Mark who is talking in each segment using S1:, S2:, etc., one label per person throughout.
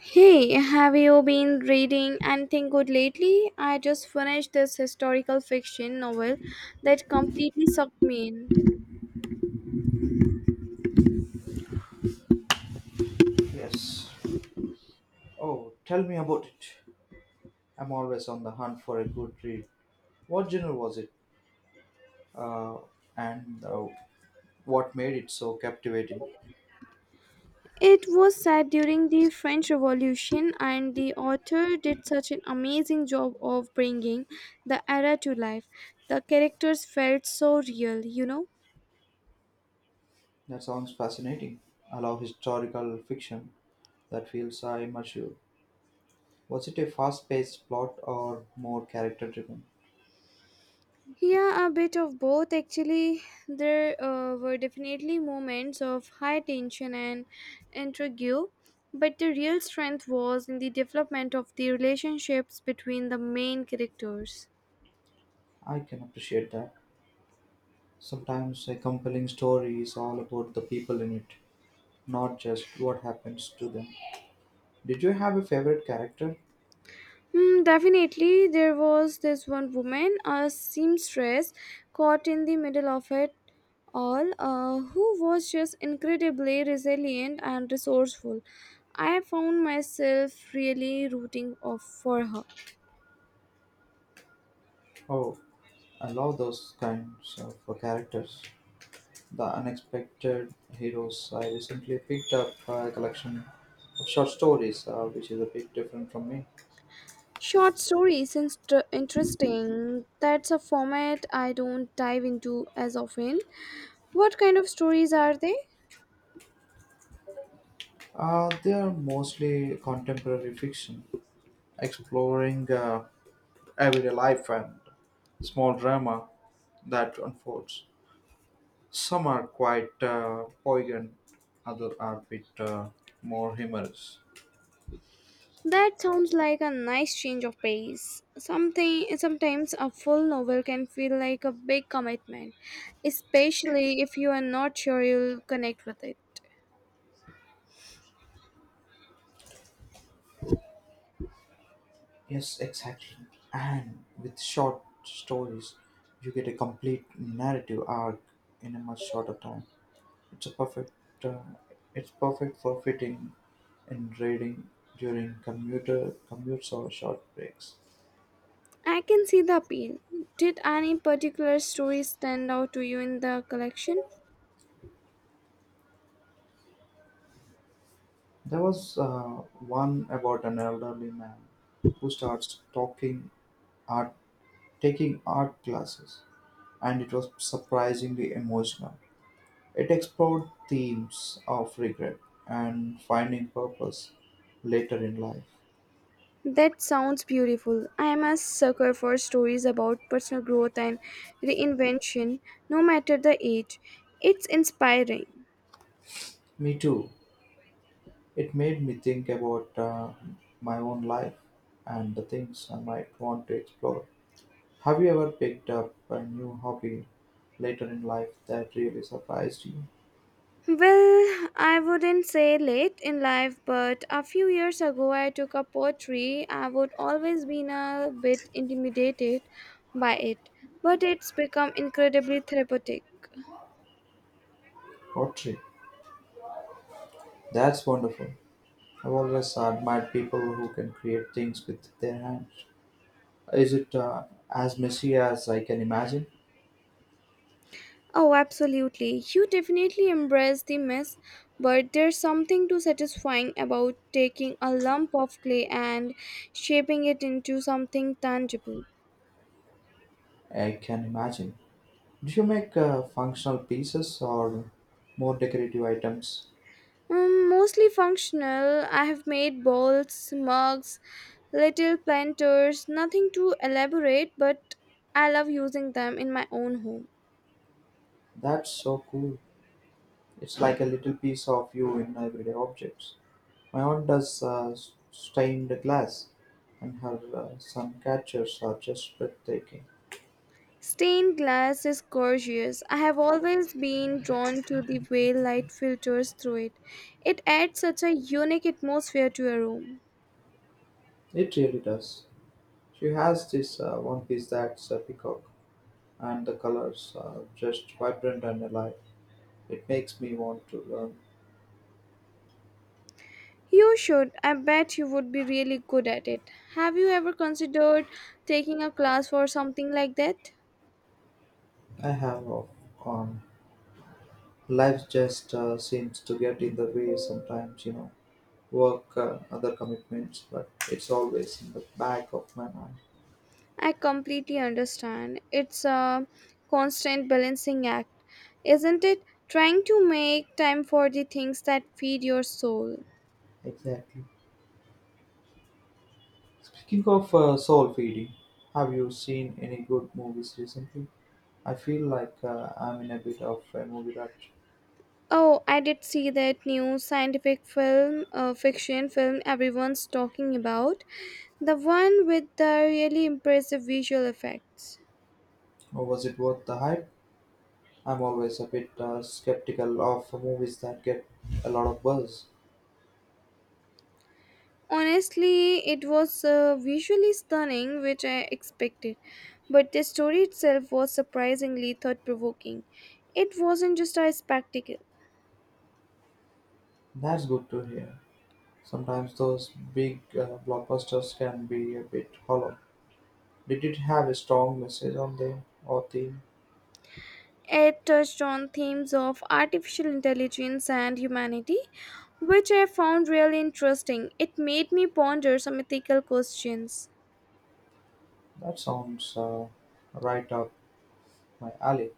S1: Hey, have you been reading anything good lately? I just finished this historical fiction novel that completely sucked me in.
S2: Yes. Oh, tell me about it. I'm always on the hunt for a good read. What genre was it? Uh, and What made it so captivating?
S1: It was set during the French Revolution, and the author did such an amazing job of bringing the era to life. The characters felt so real, you know?
S2: That sounds fascinating. I love historical fiction that feels immersive. Was it a fast paced plot or more character driven?
S1: Yeah, a bit of both actually. There were definitely moments of high tension and intrigue, but the real strength was in the development of the relationships between the main characters.
S2: I can appreciate that. Sometimes a compelling story is all about the people in it, not just what happens to them. Did you have a favorite character?
S1: Hmm, definitely, there was this one woman, a seamstress, caught in the middle of it all, who was just incredibly resilient and resourceful. I found myself really rooting of for her.
S2: Oh, I love those kinds of characters. The Unexpected Heroes. I recently picked up a collection of short stories, which is a bit different from me.
S1: Short stories is interesting. That's a format I don't dive into as often. What kind of stories are they?
S2: They are mostly contemporary fiction, exploring everyday life and small drama that unfolds. Some are quite poignant, others are a bit more humorous.
S1: That sounds like a nice change of pace. Something sometimes a full novel can feel like a big commitment, especially if you are not sure you'll connect with it.
S2: Yes, exactly. And with short stories, you get a complete narrative arc in a much shorter time. It's a perfect. Uh, it's perfect for fitting and reading during commuter commutes or short breaks.
S1: I can see the appeal. Did any particular story stand out to you in the collection?
S2: There was one about an elderly man who starts talking art, taking art classes, and it was surprisingly emotional. It explored themes of regret and finding purpose later in life.
S1: That sounds beautiful. I am a sucker for stories about personal growth and reinvention, no matter the age. It's inspiring.
S2: Me too. It made me think about my own life and the things I might want to explore. Have you ever picked up a new hobby later in life that really surprised you?
S1: Well, I wouldn't say late in life, but a few years ago I took up poetry. I would always been a bit intimidated by it, but it's become incredibly therapeutic.
S2: Pottery. That's wonderful. I've always admired people who can create things with their hands. Is it as messy as I can imagine?
S1: Oh, absolutely. You definitely embrace the mess, but there's something too satisfying about taking a lump of clay and shaping it into something tangible.
S2: I can imagine. Do you make functional pieces or more decorative items?
S1: Mostly functional, I have made bowls, mugs, little planters, nothing too elaborate, but I love using them in my own home.
S2: That's so cool. It's like a little piece of you in everyday objects. My aunt does stained glass, and her sun catchers are just breathtaking.
S1: Stained glass is gorgeous. I have always been drawn to the way light filters through it. It adds such a unique atmosphere to a room.
S2: It really does. She has this one piece that's a peacock, and the colors are just vibrant and alive. It makes me want to learn.
S1: You should. I bet you would be really good at it. Have you ever considered taking a class for something like that?
S2: I have, um, Life just seems to get in the way sometimes, you know, work and other commitments, but it's always in the back of my mind.
S1: I completely understand. It's a constant balancing act, isn't it? Trying to make time for the things that feed your soul.
S2: Exactly. Speaking of soul feeding, have you seen any good movies recently? I feel like I'm in a bit of a movie rut.
S1: Oh, I did see that new scientific film, fiction film everyone's talking about. The one with the really impressive visual effects.
S2: Or was it worth the hype? I'm always a bit skeptical of movies that get a lot of buzz.
S1: Honestly, it was visually stunning, which I expected, but the story itself was surprisingly thought provoking. It wasn't just a spectacle,
S2: That's good to hear. Sometimes those big blockbusters can be a bit hollow. Did it have a strong message on them or theme?
S1: it touched on themes of artificial intelligence and humanity, which I found really interesting. It made me ponder some ethical questions.
S2: That sounds right up my alley.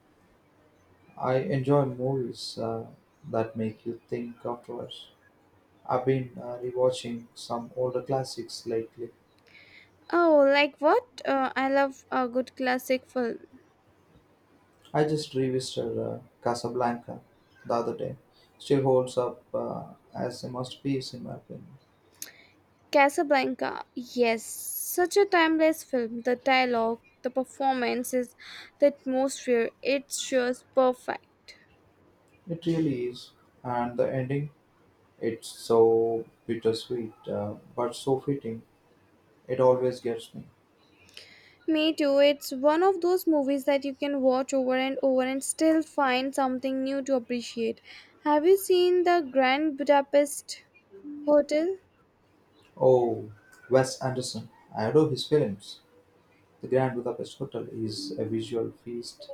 S2: I enjoy movies that make you think afterwards. I've been rewatching some older classics lately.
S1: Oh, like what? I love a good classic film.
S2: I just revisited Casablanca the other day. Still holds up as a masterpiece in my opinion.
S1: Casablanca. Yes, such a timeless film. The dialogue, the performances, the atmosphere, it's just perfect.
S2: It really is. And the ending, it's so bittersweet but so fitting. It always gets me.
S1: Me too. It's one of those movies that you can watch over and over and still find something new to appreciate. Have you seen The Grand Budapest Hotel?
S2: Oh, Wes Anderson. I adore his films. The Grand Budapest Hotel is a visual feast.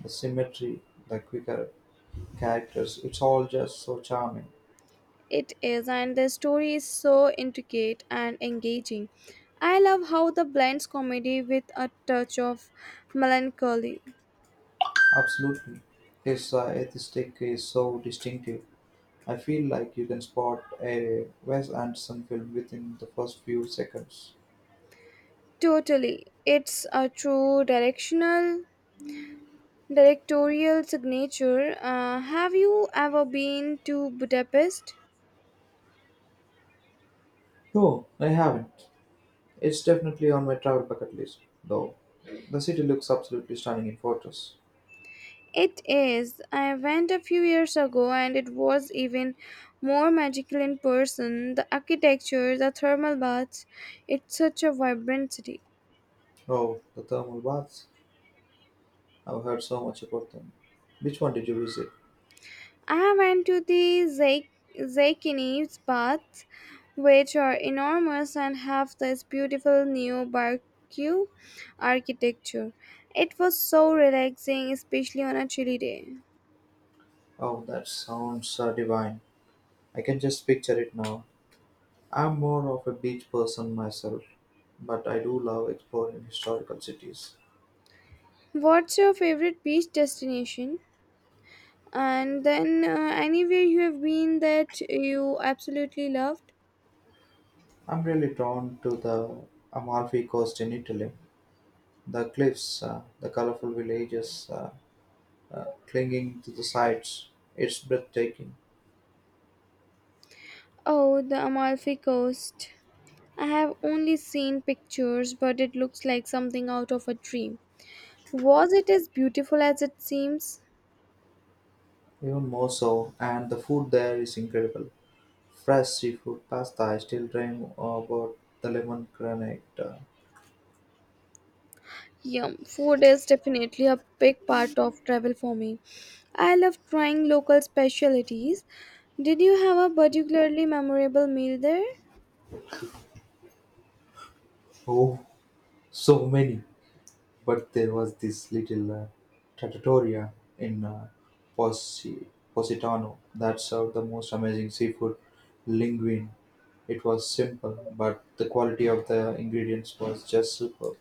S2: The symmetry, the quirky characters, it's all just so charming.
S1: It is, and the story is so intricate and engaging. I love how the blends comedy with a touch of melancholy.
S2: Absolutely. His aesthetic is so distinctive. I feel like you can spot a Wes Anderson film within the first few seconds.
S1: Totally, it's a true directional directorial signature. Have you ever been to Budapest?
S2: No, I haven't. It's definitely on my travel bucket list, though. The city looks absolutely stunning in photos.
S1: It is. I went a few years ago and it was even more magical in person. The architecture, the thermal baths, it's such a vibrant city.
S2: Oh, the thermal baths. I've heard so much about them. Which one did you visit?
S1: I went to the Zaykinis Baths, which are enormous and have this beautiful neo-baroque architecture. It was so relaxing, especially on a chilly day.
S2: Oh, that sounds divine. I can just picture it now. I'm more of a beach person myself, but I do love exploring historical cities.
S1: What's your favorite beach destination? And then, anywhere you have been that you absolutely loved?
S2: I'm really drawn to the Amalfi Coast in Italy. The cliffs, the colorful villages clinging to the sides, it's breathtaking.
S1: Oh, the Amalfi Coast. I have only seen pictures, but it looks like something out of a dream. Was it as beautiful as it seems?
S2: Even more so, and the food there is incredible. Fresh seafood pasta, I still dream about the lemon granate.
S1: Yum, food is definitely a big part of travel for me. I love trying local specialties. Did you have a particularly memorable meal there?
S2: Oh, so many. But there was this little trattoria in Posi- Positano that served the most amazing seafood linguine. It was simple, but the quality of the ingredients was just superb.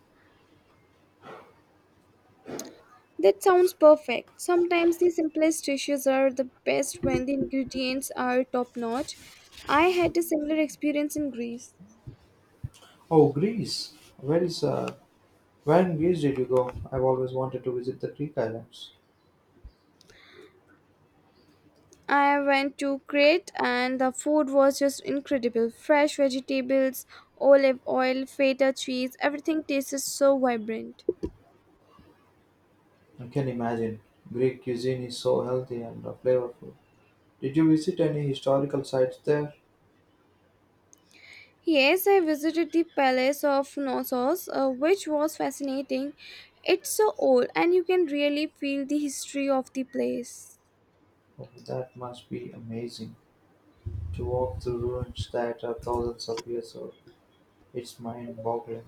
S1: That sounds perfect. Sometimes the simplest dishes are the best when the ingredients are top notch. I had a similar experience in Greece.
S2: Oh, Greece! Where in Greece did you go? I've always wanted to visit the Greek islands.
S1: I went to Crete and the food was just incredible. Fresh vegetables, olive oil, feta cheese, everything tasted so vibrant.
S2: I can imagine. Greek cuisine is so healthy and flavorful. Did you visit any historical sites there?
S1: Yes, I visited the Palace of Knossos, which was fascinating. It's so old and you can really feel the history of the place.
S2: Oh, that must be amazing. To walk through ruins that are thousands of years old, it's mind boggling.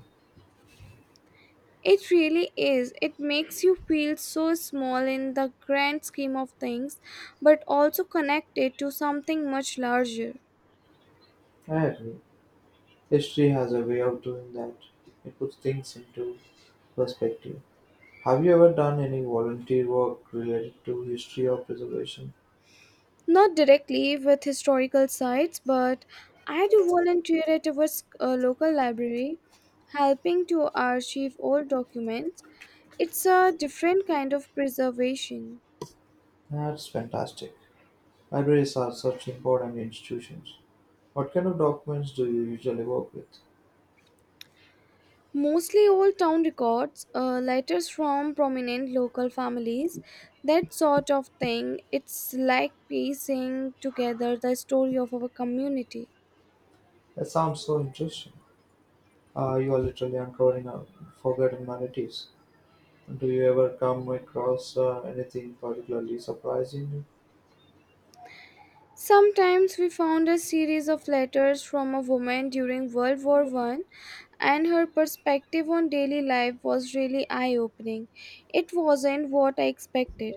S1: It really is. It makes you feel so small in the grand scheme of things, but also connected to something much larger.
S2: I agree. History has a way of doing that. It puts things into perspective. Have you ever done any volunteer work related to history or preservation?
S1: Not directly with historical sites, but I do volunteer at our local library, helping to archive old documents. It's a different kind of preservation.
S2: That's fantastic. Libraries are such important institutions. What kind of documents do you usually work with?
S1: Mostly old town records, letters from prominent local families, that sort of thing. It's like piecing together the story of our community.
S2: That sounds so interesting. You are literally uncovering forgotten narratives. Do you ever come across anything particularly surprising you?
S1: Sometimes we found a series of letters from a woman during World War I, and her perspective on daily life was really eye opening. It wasn't what I expected.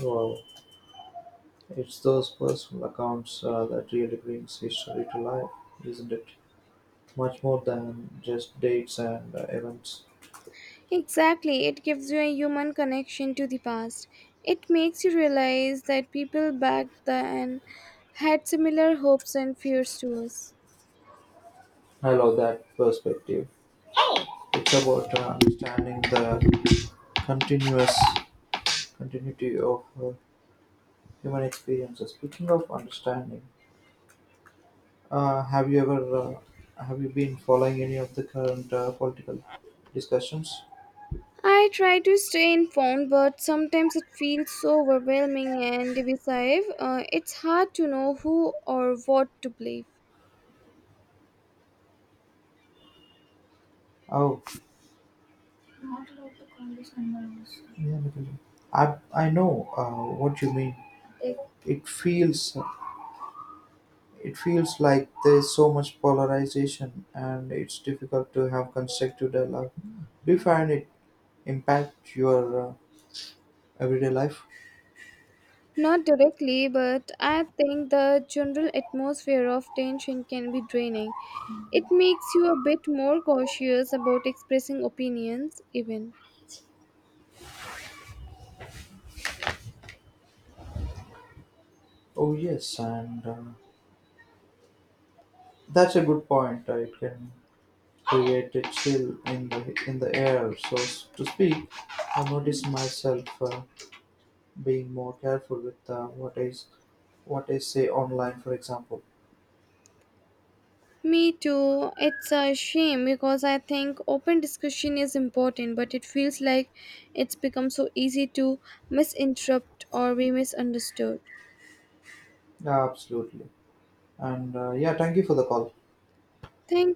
S2: Wow, it's those personal accounts that really brings history to life, isn't it? Much more than just dates and events.
S1: Exactly, it gives you a human connection to the past. It makes you realize that people back then had similar hopes and fears to us.
S2: I love that perspective. It's about understanding the continuous continuity of human experiences. Speaking of understanding, uh, have you ever uh, have you been following any of the current political discussions?
S1: I try to stay informed, but sometimes it feels so overwhelming and divisive. It's hard to know who or what to believe.
S2: Oh, not allowed to call this number also. Yeah, Nikunj. I know what you mean. Like, It feels it feels like there's so much polarization, and it's difficult to have constructive dialogue. Do you find it impact your everyday life?
S1: Not directly, but I think the general atmosphere of tension can be draining. It makes you a bit more cautious about expressing opinions, even.
S2: Oh yes, and that's a good point. It can create a chill in the air, so to speak. I notice myself. Being more careful with what is say online, for example.
S1: Me too. It's a shame because I think open discussion is important, but it feels like it's become so easy to misinterpret or be misunderstood.
S2: Yeah, absolutely, and yeah, thank you for the call.
S1: Thank